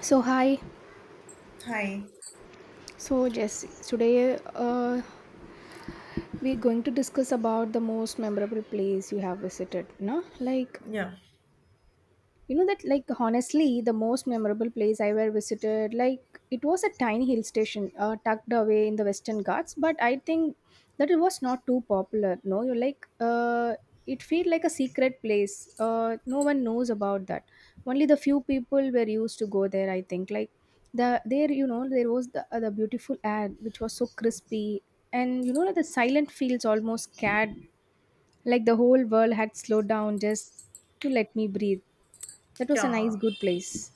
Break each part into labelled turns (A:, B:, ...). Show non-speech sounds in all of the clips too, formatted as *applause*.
A: So hi,
B: Hi.
A: so Jess, today we're going to discuss about the most memorable place you have visited, no? Like
B: Yeah.
A: you know that like honestly, the most memorable place I ever visited, like it was a tiny hill station tucked away in the Western Ghats, but I think that it was not too popular. No, you like it felt like a secret place. No one knows about that. Only the few people were used to go there. I think like there you know there was the the beautiful air which was so crispy, and you know like the silent fields almost scared, like the whole world had slowed down just to let me breathe. That was a nice,
B: Yeah.
A: good place.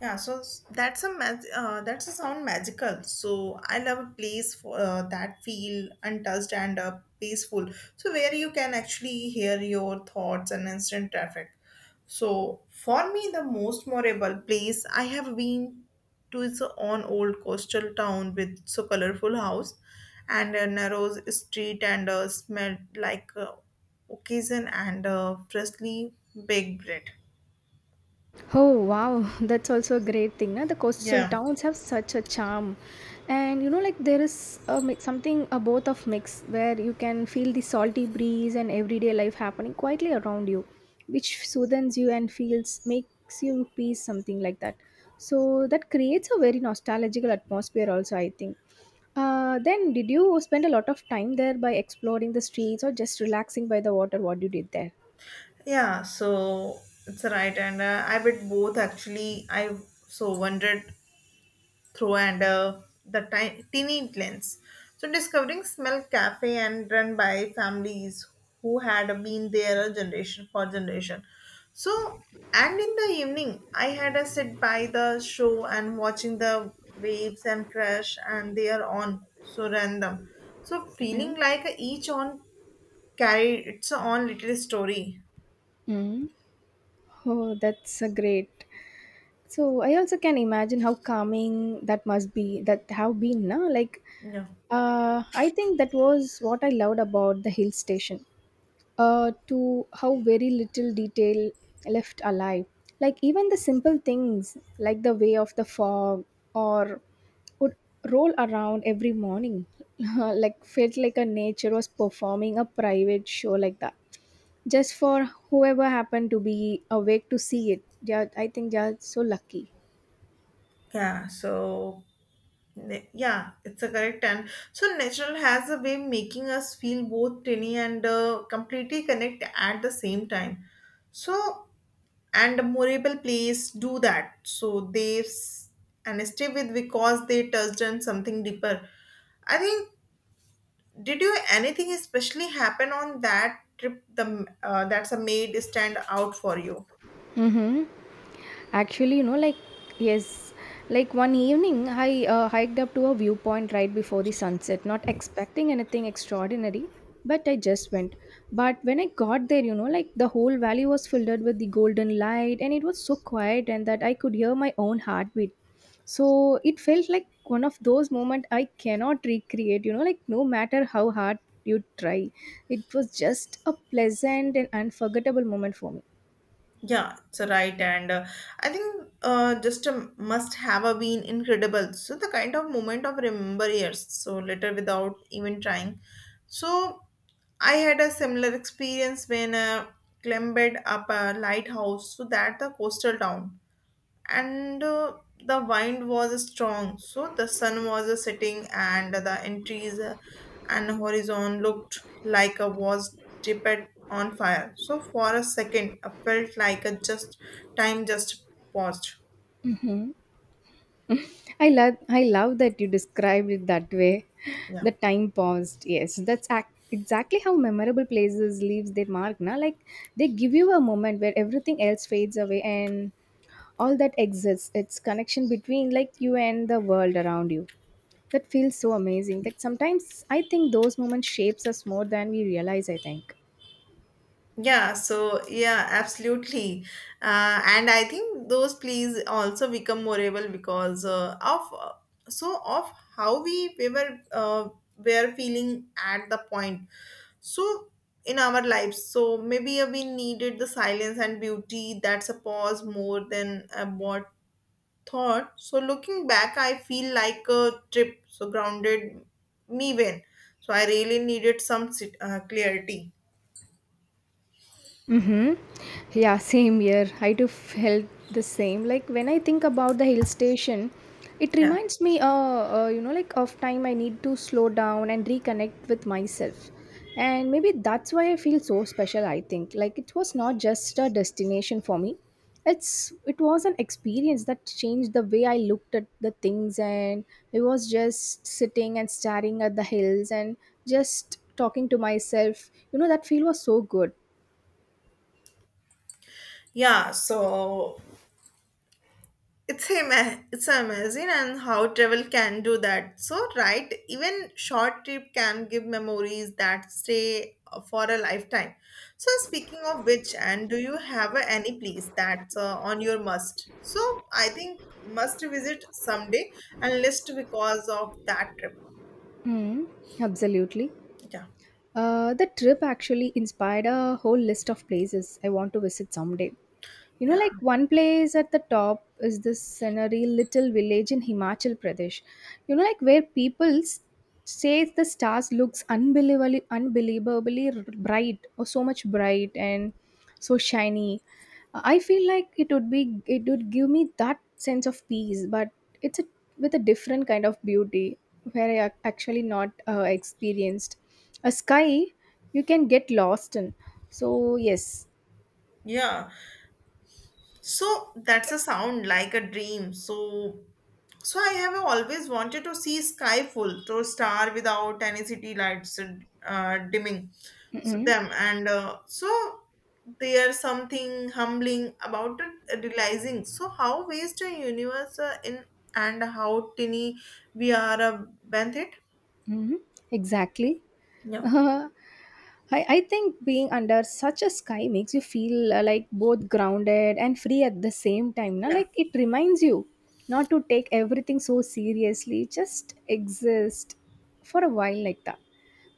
B: Yeah. So that's a sound magical. So I love a place for that feel untouched and peaceful. So where you can actually hear your thoughts and instant traffic. So for me, the most memorable place I have been to is on old coastal town with so colorful house and a narrow street and smelled like occasion and freshly baked bread.
A: Oh wow, *laughs* that's also a great thing. Na? The coastal
B: Yeah,
A: towns have such a charm, and you know, like there is a, mi- something a both of mix where you can feel the salty breeze and everyday life happening quietly around you, which soothes you and feels makes you peace something like that. So that creates a very nostalgical atmosphere. Also, I think. Then, did you spend a lot of time there by exploring the streets or just relaxing by the water? What you did there?
B: yeah. So it's right, and I would both actually. I so wandered through and teeny lens. So discovering smell cafe and run by families who had been there a generation for generation. So and in the evening, I had a sit by the show and watching the waves and crash, and they are on so random. So feeling like each on carried its own little story.
A: Mm-mm. Oh, that's a great. So I also can imagine how calming that must be. That have been, na? Like,
B: Yeah.
A: I think that was what I loved about the hill station. To how very little detail left alive. Like even the simple things, like the way of the fog, or would roll around every morning, *laughs* like felt like a nature was performing a private show like that just for whoever happened to be awake to see it. Yeah, I think they are so lucky.
B: Yeah, so yeah, it's a correct and so natural has a way making us feel both tiny and completely connect at the same time. So and memorable plays do that. So and stay with because they touched on something deeper. I think did you anything especially happen on that trip? The that's a made stand out for you.
A: Mm-hmm. Actually, you know, like, yes, like one evening I hiked up to a viewpoint right before the sunset, not expecting anything extraordinary, but I just went. But when I got there, you know, like the whole valley was filled with the golden light and it was so quiet and that I could hear my own heartbeat. So it felt like one of those moments I cannot recreate, you know, like no matter how hard you try. It was just a pleasant and unforgettable moment for me.
B: Yeah, it's a right, and I think just a must have a been incredible. So the kind of moment of remember years, so later without even trying. So I had a similar experience when climbed up a lighthouse, so that the coastal town and the wind was strong so the sun was setting and the entries and horizon looked like a was dipped on fire so for a second I felt like a just time just paused.
A: Mhm. I love that you described it that way. *laughs*
B: yeah
A: The time paused. Yes, that's ac- exactly how memorable places leaves their mark. Now, like they give you a moment where everything else fades away and all that exists. It's connection between like you and the world around you. That feels so amazing. That sometimes I think those moments shapes us more than we realize. I think.
B: yeah so yeah absolutely. And I think those plays also become memorable because of so of how we were feeling at the point so in our lives so maybe we needed the silence and beauty that's a pause more than a what thought so looking back I feel like a trip so grounded me when so I really needed clarity.
A: Mhm. Yeah, same here. I do felt the same. Like when I think about the hill station, it
B: yeah
A: reminds me, you know, like of time I need to slow down and reconnect with myself. And maybe that's why I feel so special. I think like it was not just a destination for me. It was an experience that changed the way I looked at the things, and it was just sitting and staring at the hills and just talking to myself. You know, that feel was so good.
B: yeah so it's amazing and how travel can do that so right even short trip can give memories that stay for a lifetime so speaking of which and do you have any place that's on your must so I think must visit someday and list because of that trip.
A: Mm, absolutely.
B: yeah
A: The trip actually inspired a whole list of places I want to visit someday. You know,
B: yeah
A: like one place at the top is this scenery little village in Himachal Pradesh. You know, like where people s- say the stars looks unbelievably, unbelievably r- bright or so much bright and so shiny. I feel like it would be, it would give me that sense of peace, but it's a, with a different kind of beauty where I ac- actually not experienced. A sky you can get lost in. So yes.
B: yeah So that's a sound like a dream. So so I have always wanted to see sky full, so star without any city lights dimming. So
A: Mm-mm.
B: them and so there's something humbling about it, realizing so how vast a universe in and how tiny we are bent it.
A: Mhm, exactly.
B: Yeah.
A: *laughs* I think being under such a sky makes you feel like both grounded and free at the same time. Na?
B: Yeah.
A: Like it reminds you not to take everything so seriously, just exist for a while like that.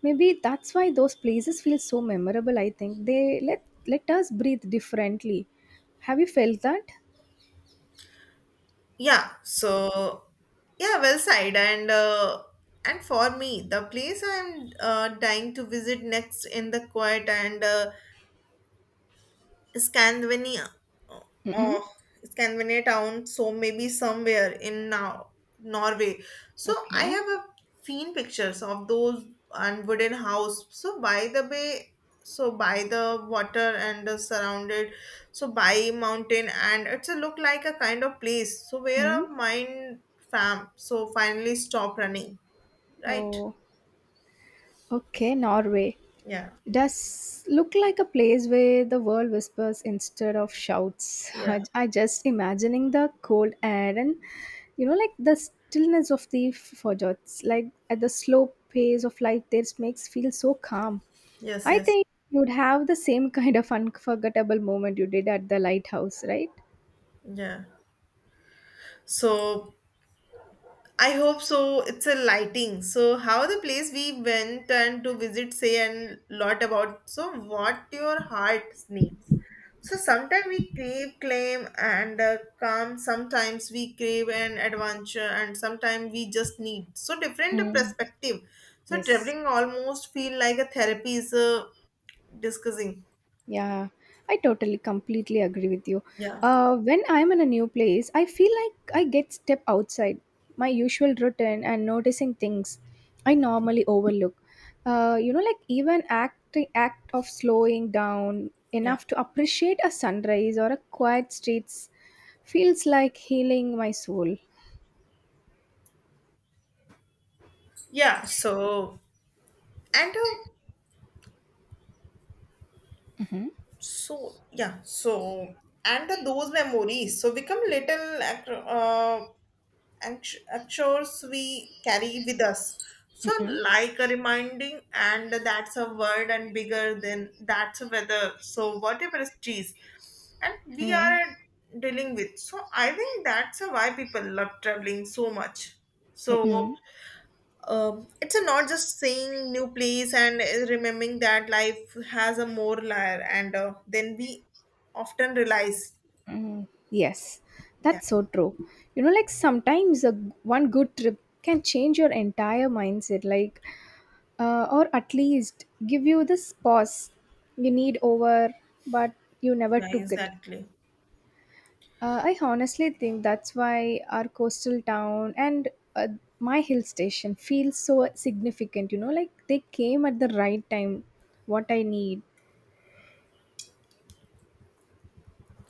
A: Maybe that's why those places feel so memorable. I think they let us breathe differently. Have you felt that?
B: Yeah, so yeah, well said. And for me, the place I'm dying to visit next in the quiet and Scandinavia.
A: Mm-hmm.
B: Oh, Scandinavia town, so maybe somewhere in now Norway. So I
A: Okay.
B: have a seen pictures of those and wooden house. So by the bay, so by the water and the surrounded, so by mountain and it's a look like a kind of place. So where
A: Mm-hmm.
B: a mind fam so finally stop running, right?
A: Oh. Okay, Norway.
B: Yeah,
A: Does look like a place where the world whispers instead of shouts. *laughs*
B: yeah,
A: I just imagining the cold air and you know like the stillness of the fjords, like at the slow pace of life there makes feel so calm.
B: yes,
A: I
B: yes,
A: think you'd have the same *laughs* kind of unforgettable moment you did at the lighthouse, right?
B: yeah. So I hope so. It's a lighting. So how the place we went and to visit say and lot about so what your heart needs. So sometimes we crave claim and calm. Sometimes we crave an adventure and sometimes we just need so different
A: Mm.
B: perspective. So
A: Yes.
B: traveling almost feel like a therapy is discussing.
A: Yeah, I totally completely agree with you.
B: Yeah,
A: When I'm in a new place, I feel like I get step outside my usual routine and noticing things I normally overlook. You know, like even act of slowing down
B: yeah,
A: enough to appreciate a sunrise or a quiet streets feels like healing my soul.
B: yeah. So and
A: Mm-hmm.
B: so yeah so and those memories so become actors we carry with us so
A: Mm-mm.
B: like a reminding and that's a word and bigger than that's a weather so whatever is cheese and we
A: Mm-mm.
B: are dealing with so I think that's why people love traveling so much so
A: Mm-mm.
B: it's a not just seeing new place and remembering that life has a more layer and then we often realize.
A: Mm, yes,
B: Yeah.
A: that's so true. You know, like sometimes a, g- one good trip can change your entire mindset, like, or at least give you this pause you need over, but you never
B: Yeah,
A: took it.
B: exactly.
A: I honestly think that's why our coastal town and uh, my hill station feels so significant. You know, like they came at the right time, what I need.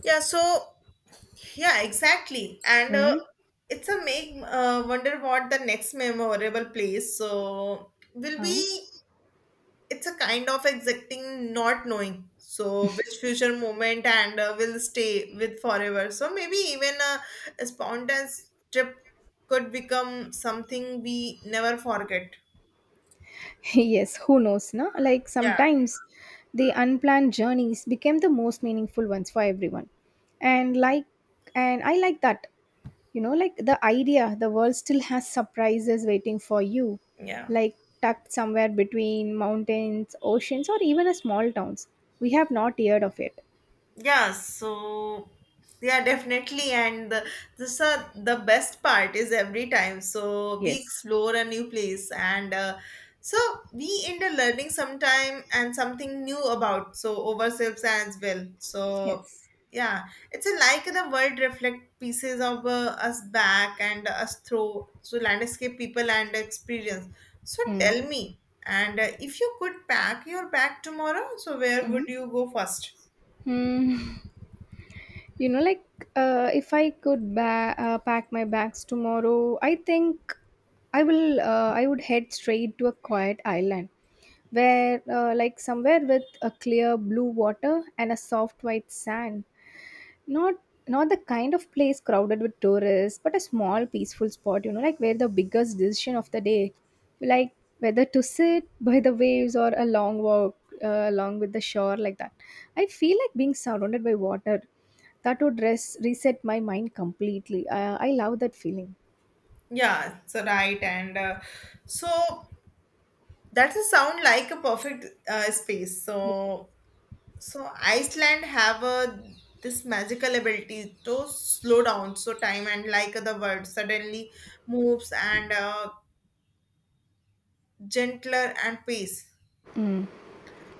B: yeah so yeah exactly and
A: Mm?
B: it's a make wonder what the next memorable place so will be.
A: Huh?
B: It's a kind of exacting not knowing so which future moment and will stay with forever so maybe even a spontaneous trip could become something we never forget.
A: *laughs* Yes, who knows, no? Like
B: yeah
A: sometimes the unplanned journeys became the most meaningful ones for everyone. And like and I like that. You know, like the idea the world still has surprises waiting for you,
B: yeah
A: like tucked somewhere between mountains, oceans or even a small towns. We have not heard of it.
B: yeah, so yeah, definitely. This the best part is every time. So we
A: Yes.
B: explore a new place, and so we end up learning sometime and something new about so ourselves as well. So
A: Yes.
B: yeah, it's a, like the world reflect pieces of us back and us through so landscape, people, and experience. So
A: Mm.
B: tell me, and if you could pack your bag tomorrow, so where
A: Mm.
B: would you go first?
A: Mm. You know like if I could ba- pack my bags tomorrow I think I would head straight to a quiet island where like somewhere with a clear blue water and a soft white sand not not the kind of place crowded with tourists but a small peaceful spot you know like where the biggest decision of the day like whether to sit by the waves or a long walk along with the shore like that I feel like being surrounded by water that would res- reset my mind completely. I love that feeling.
B: Yeah, so right, and so that's a sound like a perfect space. So, so Iceland have a this magical ability to slow down, so time and like the world suddenly moves and gentler and pace.
A: Mm.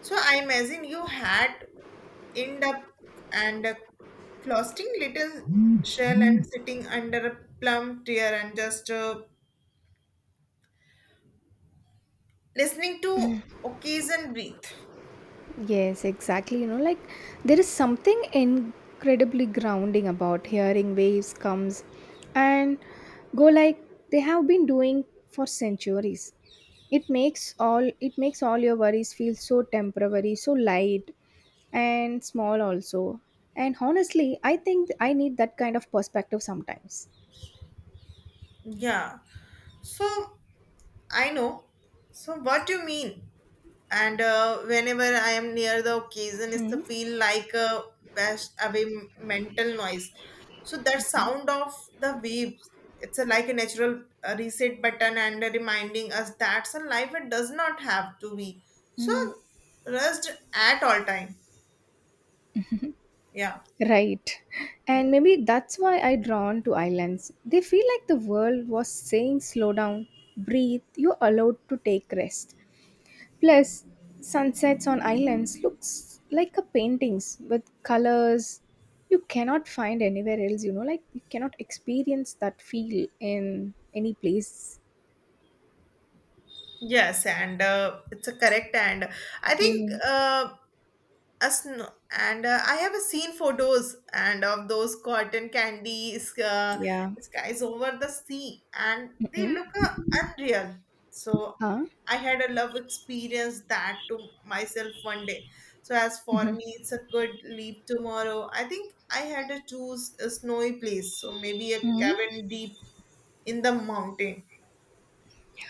B: So I imagine you had end up and closeting little shell and sitting under a plum tree and just listening to occasion breathe.
A: Yes, exactly. You know, like there is something incredibly grounding about hearing waves comes and go like they have been doing for centuries. It makes all your worries feel so temporary, so light and small also. And honestly, I think I need that kind of perspective sometimes.
B: Yeah. So I know. So what do you mean? And whenever I am near the occasion, it's to
A: Hmm.
B: feel like a wash away mental noise. So that sound of the waves, it's a, like a natural reset button and reminding us that's a life it does not have to be so rushed at all time. Yeah.
A: Right. And maybe that's why I drawn to islands. They feel like the world was saying slow down, breathe, you're allowed to take rest. Plus, sunsets on islands looks like a paintings with colors you cannot find anywhere else, you know, like you cannot experience that feel in any place.
B: Yes, and it's a correct and I think
A: Mm.
B: us no, and I have seen photos and of those cotton candies
A: Yeah.
B: skies over the sea, and they
A: Mm-mm.
B: look unreal. So
A: Huh?
B: I had a love experience that to myself one day. So as for me, it's a good leap tomorrow. I think I had to choose a snowy place, so maybe a
A: Hmm?
B: cabin deep in the mountain.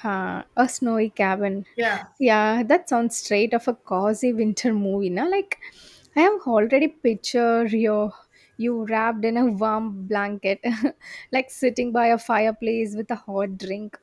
A: Huh, a snowy cabin.
B: Yeah.
A: Yeah, that sounds straight of a cozy winter movie, na? Like, I have already pictured you, you wrapped in a warm blanket, *laughs* like sitting by a fireplace with a hot drink.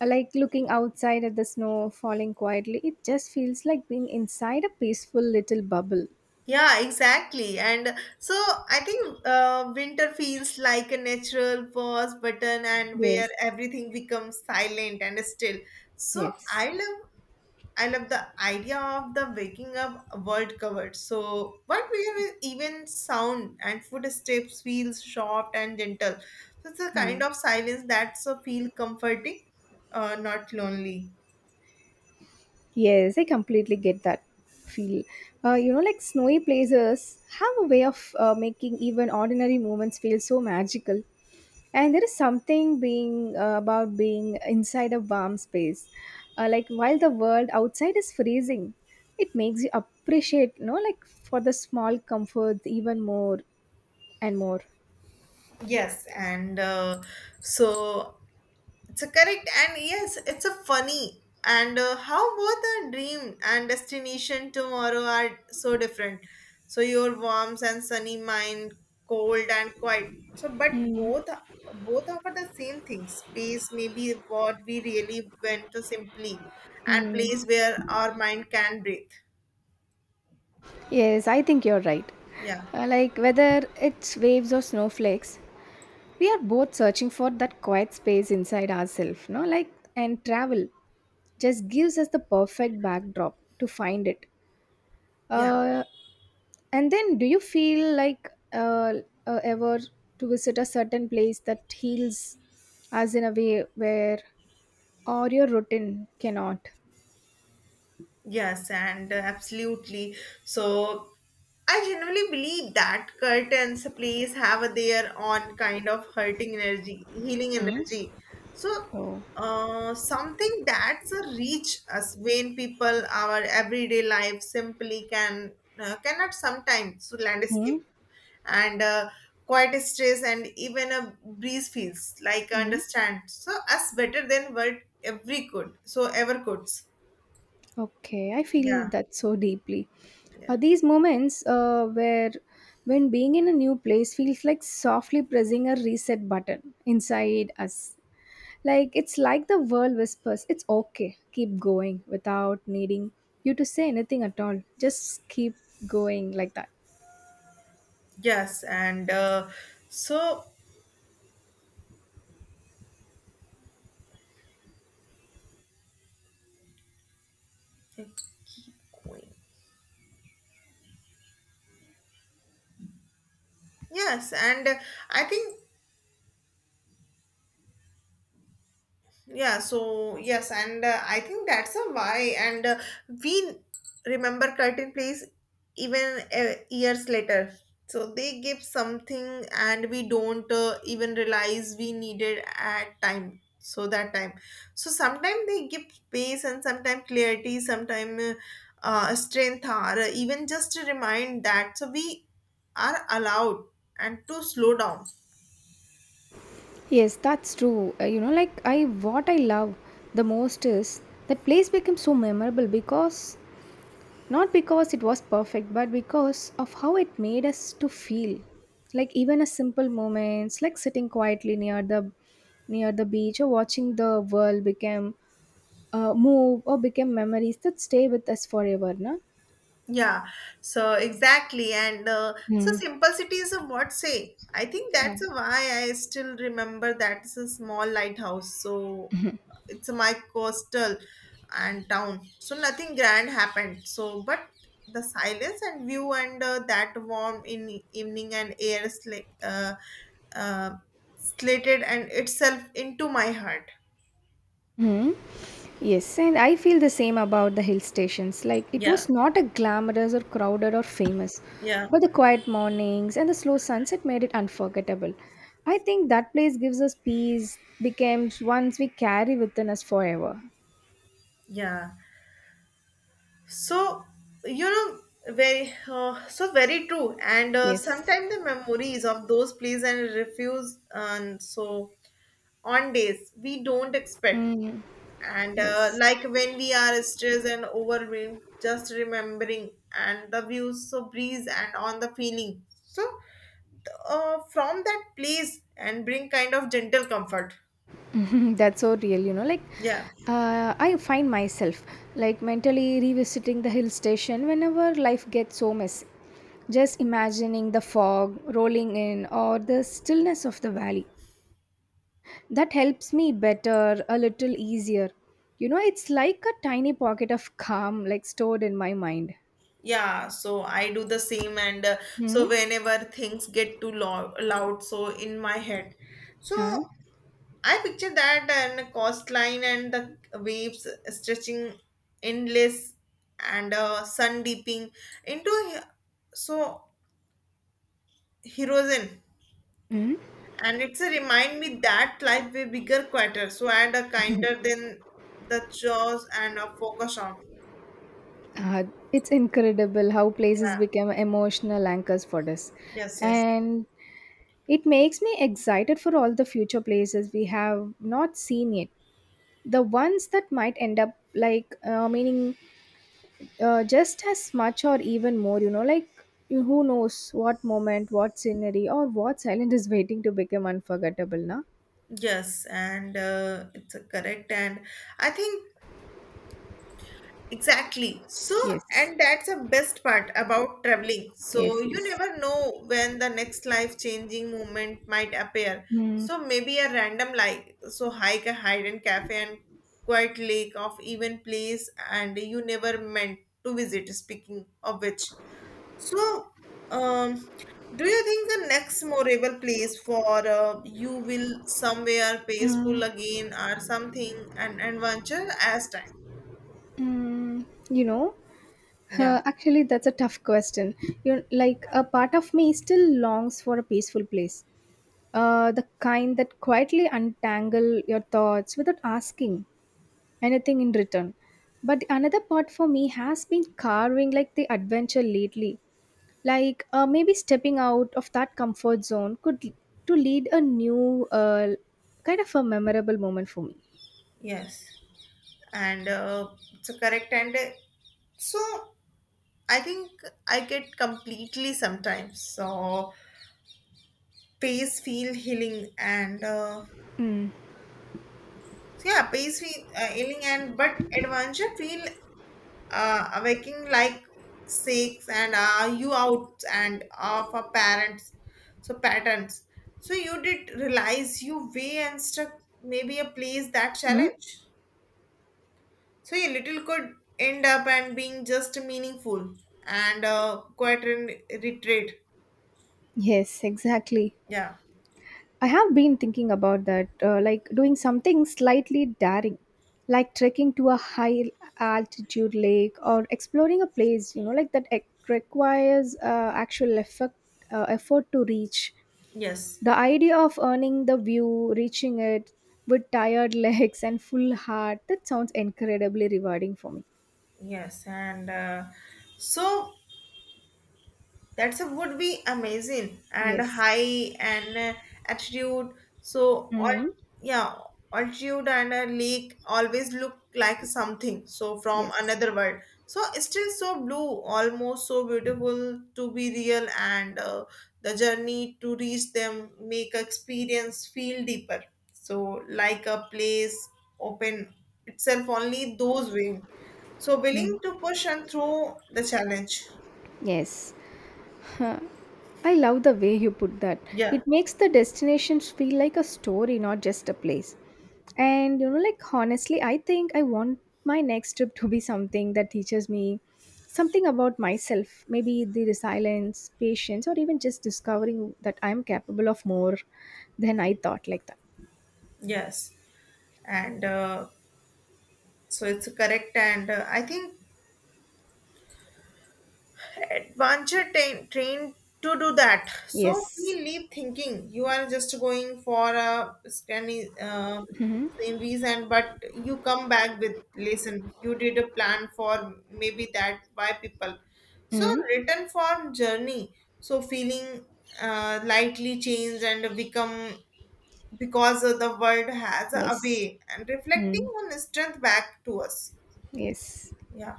A: Like looking outside at the snow falling quietly, it just feels like being inside a peaceful little bubble.
B: Yeah, exactly. And so I think winter feels like a natural pause button and where
A: Yes,
B: everything becomes silent and still. So
A: yes.
B: I love the idea of the waking up world covered. So what we even sound and footsteps feels soft and gentle. So it's a
A: Hmm.
B: kind of silence that's a feel comforting, not lonely.
A: Yes, I completely get that feel. You know, like snowy places have a way of making even ordinary moments feel so magical. And there is something being about being inside a warm space. Like while the world outside is freezing, it makes you appreciate, you know, like for the small comforts even more and more.
B: Yes, and so it's a correct and yes, it's a funny and how both our dream and destination tomorrow are so different. So your warm and sunny mind, cold and quiet. So but
A: Mm,
B: both offer the same thing. Space may be what we really went to simply, and
A: mm.
B: place where our mind can breathe.
A: Yes, I think you're right.
B: Yeah,
A: Like whether it's waves or snowflakes, we are both searching for that quiet space inside ourselves no like and travel just gives us the perfect backdrop to find it.
B: yeah.
A: uh, and then do you feel like ever to visit a certain place that heals us in a way where or your routine cannot?
B: Yes, and absolutely. So I generally believe that curtains plays have their own kind of healing
A: Hmm?
B: energy. So
A: Oh.
B: something that's a reach us when people our everyday life simply can cannot sometimes so
A: Hmm.
B: landscape and quite a stress and even a breeze feels like
A: Hmm?
B: understand so us better than what every could so ever could.
A: Okay, I feel
B: Yeah
A: that so deeply.
B: yeah.
A: These moments where when being in a new place feels like softly pressing a reset button inside us. Like it's like the world whispers, it's okay, keep going without needing you to say anything at all. Just keep going like that.
B: Yes, and so yes, and I think yeah so yes and I think that's a why and we remember curtain plays even years later so they give something and we don't even realize we needed at time so that time so sometimes they give space and sometimes clarity sometimes strength or even just a remind that so we are allowed and to slow down.
A: Yes, that's true. You know, like I what I love the most is that place becomes so memorable because not because it was perfect, but because of how it made us to feel. Like even a simple moments, like sitting quietly near the beach or watching the world become move or become memories that stay with us forever, no?
B: Yeah, so exactly. And so
A: Mm.
B: simplicity is a what say. I think
A: Uh,
B: that's why I still remember that's a small lighthouse. So it's my coastal and town. So nothing grand happened. So, but the silence and view and that warm in evening and uh, slated and itself into my heart.
A: mm. Yes, and I feel the same about the hill stations. Like it
B: Yeah,
A: was not a glamorous or crowded or famous,
B: yeah.
A: but the quiet mornings and the slow sunset made it unforgettable. I think that place gives us peace, becomes once we carry within us forever.
B: Yeah. So you know very so very true. And
A: Yes.
B: sometimes the memories of those plays and refuse and so on days we don't expect.
A: Mm,
B: And
A: yes.
B: like when we are stressed and overwhelmed, just remembering and the views so breeze and on the feeling. So from that place and bring kind of gentle comfort.
A: *laughs* That's so real, you know. Like,
B: Yeah.
A: I find myself like mentally revisiting the hill station whenever life gets so messy. Just imagining the fog rolling in or the stillness of the valley. That helps me better, a little easier. You know, it's like a tiny pocket of calm, like stored in my mind.
B: Yeah, so I do the same, and
A: Hmm?
B: so whenever things get loud, so in my head, so
A: Uh,
B: I picture that and coast line and the waves stretching endless and sun dipping into he- so horizon,
A: mm
B: and it's a remind me that life way bigger, quieter, so and a kinder than the chores and a focus on.
A: Uh, it's incredible how places
B: Yeah.
A: become emotional anchors for us.
B: Yes. Yes.
A: And it makes me excited for all the future places we have not seen yet. The ones that might end up like meaning just as much or even more, you know, like who knows what moment, what scenery, or what silent is waiting to become unforgettable, na?
B: Yes, and it's a correct. And I think exactly. So,
A: Yes,
B: and that's the best part about traveling. So,
A: yes,
B: you
A: yes.
B: never know when the next life-changing moment might appear.
A: Mm,
B: So, maybe a random like so hike, a hidden cafe, and quiet lake of even place, and you never meant to visit. Speaking of which, so um, do you think the next memorable place for you will somewhere peaceful
A: mm,
B: again or something an adventure as time?
A: mm. You know,
B: Yeah.
A: actually, that's a tough question. You like a part of me still longs for a peaceful place. The kind that quietly untangle your thoughts without asking anything in return. But another part for me has been carving like the adventure lately. Like maybe stepping out of that comfort zone to lead a new kind of a memorable moment for me.
B: Yes, and so correct. And so I think I get completely sometimes. So pace feel healing and
A: Mm.
B: so yeah, pace feel healing and but adventure feel awaking like six and are you out and of our parents. So patterns. So you did realize you way and stuck maybe a place that
A: Mm?
B: challenge. So yeah, little could end up and being just meaningful and quiet and retreat.
A: Yes, exactly.
B: Yeah.
A: I have been thinking about that, like doing something slightly daring, like trekking to a high altitude lake or exploring a place, you know, like requires actual effort, effort to reach.
B: Yes.
A: The idea of earning the view, reaching it with tired *laughs* legs and full heart, that sounds incredibly rewarding for me.
B: Yes. And so That's a, would be amazing and
A: Yes.
B: high and altitude. So all
A: Hmm.
B: yeah, altitude and a lake always look like something. So from
A: Yes.
B: another world. So it's still so blue, almost so beautiful to be real, and the journey to reach them make experience feel deeper. So like a place open itself only those willing. So willing to push and through the challenge.
A: Yes. I love the way you put that.
B: Yeah.
A: It makes the destinations feel like a story, not just a place. And you know, like honestly, I think I want my next trip to be something that teaches me something about myself, maybe the resilience, patience, or even just discovering that I'm capable of more than I thought like that.
B: Yes, and so it's correct, and I think adventure train trained to do that. So we
A: Yes.
B: leave thinking you are just going for a scanny
A: Mm-hmm.
B: sceneries, and but you come back with listen. You did a plan for maybe that by people. So
A: Mm-hmm.
B: written form journey. So feeling lightly changed and become because the world has a
A: Yes.
B: way and reflecting
A: Mm.
B: on strength back to us.
A: Yes.
B: Yeah.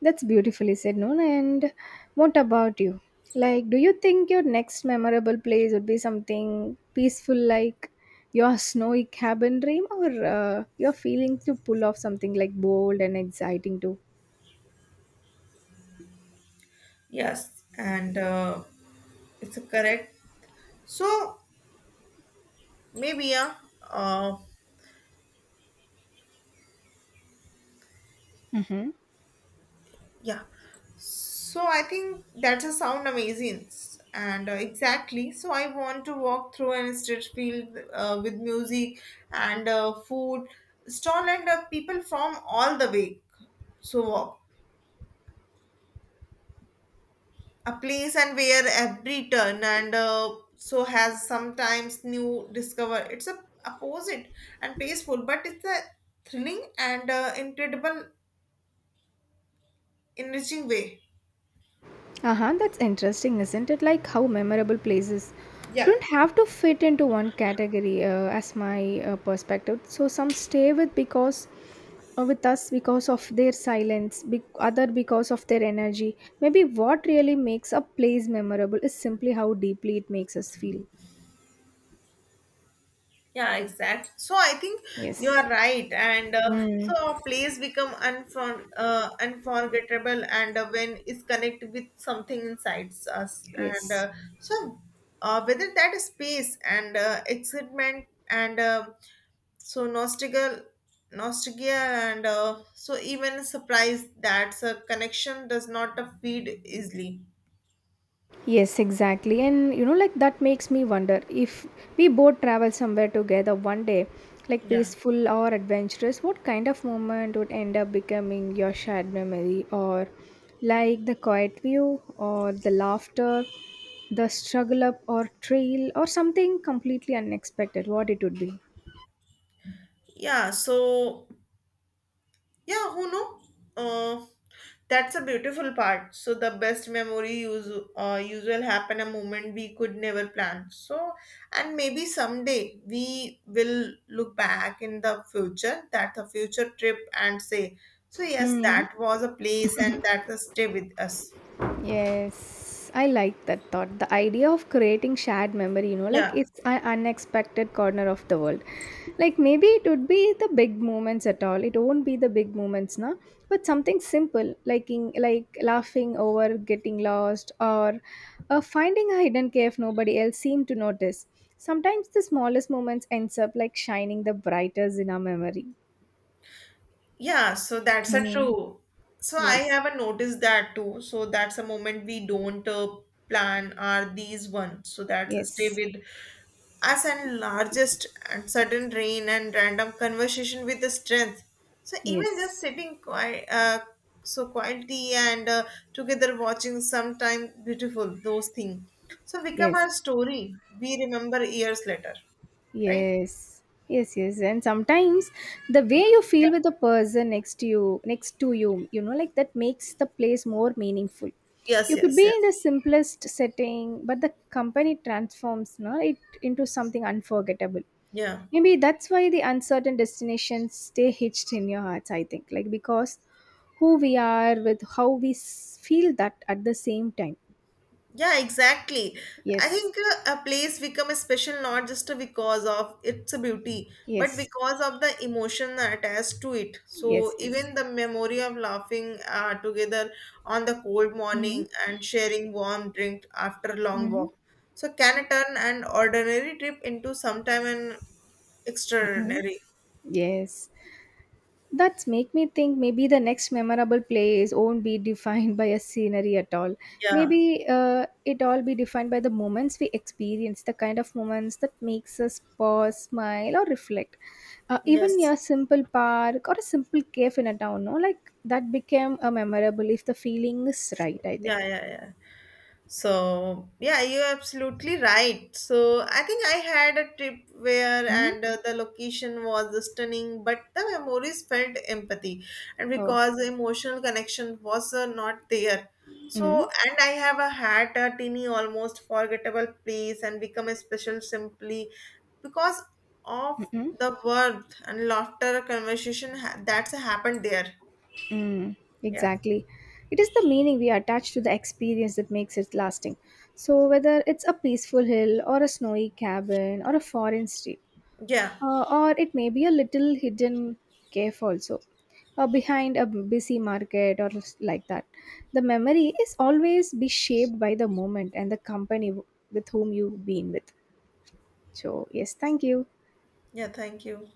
A: That's beautifully said, Noon. And what about you? Like, do you think your next memorable place would be something peaceful like your snowy cabin dream, or you're feeling to pull off something like bold and exciting too?
B: Yes. And it's a correct. So maybe yeah. Uh,
A: Mm-hmm.
B: yeah. So I think that's a sound amazing. And exactly. So I want to walk through an street field with music and food stall and people from all the way. So walk. A place and where every turn and so has sometimes new discover it's a opposite and peaceful but it's a thrilling and incredible enriching way.
A: Uh huh. That's interesting, isn't it? Like how memorable places
B: Yeah.
A: don't have to fit into one category, as my perspective. So some stay with because with us because of their silence, other because of their energy. Maybe what really makes a place memorable is simply how deeply it makes us feel.
B: Yeah, exactly. So I think you
A: Yes.
B: are right, and
A: Mm.
B: so our plays become unforgettable, and when it's connected with something inside us, and
A: Yes.
B: so whether that is space and excitement and so nostalgia, and so even surprise that a connection does not feed easily.
A: Yes, exactly. And you know, like that makes me wonder if we both travel somewhere together one day, like
B: Yeah.
A: peaceful or adventurous, what kind of moment would end up becoming your shared memory? Or like the quiet view, or the laughter, the struggle up or trail, or something completely unexpected, what it would be?
B: Yeah. So yeah, who know? Uh, that's a beautiful part. So the best memory use usual happen a moment we could never plan. So and maybe someday we will look back in the future, that the future trip and say, so yes, that was a place and that will stay with us.
A: Yes, I like that thought. The idea of creating shared memory, you know, like
B: Yeah.
A: it's an unexpected corner of the world. Like maybe it would be the big moments at all. It won't be the big moments, na. But something simple, like in, like laughing over getting lost or finding a hidden cave nobody else seemed to notice. Sometimes the smallest moments ends up like shining the brightest in our memory.
B: Yeah, so that's a
A: Mhm.
B: true. So I
A: Yes,
B: haven't noticed that too. So that's a moment we don't plan are these ones. So that's a stay
A: yes,
B: with us and largest and sudden rain and random conversation with the strength. So even
A: yes,
B: just sitting so quietly and together watching sometime beautiful those things. So become our
A: yes.
B: story. We remember years later, right?
A: Yes, yes, yes. And sometimes the way you feel
B: Yeah.
A: with the person next to you, you know, like that makes the place more meaningful.
B: Yes,
A: You could be
B: yes,
A: in the
B: yes.
A: simplest setting, but the company transforms no, it into something unforgettable.
B: Yeah.
A: Maybe that's why the uncertain destinations stay hitched in your hearts, I think. Like because who we are with how feel that at the same time.
B: Yeah, exactly. I
A: Yes,
B: think a place become a special not just because of its beauty, but
A: yes,
B: because of the emotion attached to it.
A: yes,
B: So
A: yes.
B: even the memory of laughing together on the cold
A: Mm-hmm.
B: morning and sharing warm drink after long
A: Mm-hmm.
B: walk. So can turn an ordinary trip into sometime an
A: Mm-hmm.
B: extraordinary?
A: Yes. That's make me think maybe the next memorable place won't be defined by a scenery at all.
B: Yeah.
A: Maybe it all be defined by the moments we experience, the kind of moments that makes us pause, smile, or reflect. Even
B: Yes.
A: a simple park or a simple cave in a town, no, like that became a memorable if the feeling is right. I
B: Yeah,
A: think.
B: yeah, yeah. So yeah, you're absolutely right. So I think I had a trip where
A: Mm?
B: and the location was stunning, but the memories felt empathy, and
A: Oh.
B: because the emotional connection was not there.
A: Mm?
B: So and I have a had a teeny almost forgettable place and become a special simply because of
A: Mm-mm.
B: the warmth and laughter conversation that's happened there.
A: Mm,
B: Yeah,
A: exactly. It is the meaning we attach to the experience that makes it lasting. So, whether it's a peaceful hill or a snowy cabin or a foreign street,
B: yeah,
A: or it may be a little hidden cave also, or behind a busy market or like that, the memory is always be shaped by the moment and the company with whom you've been with. So, yes, thank you.
B: yeah. Thank you.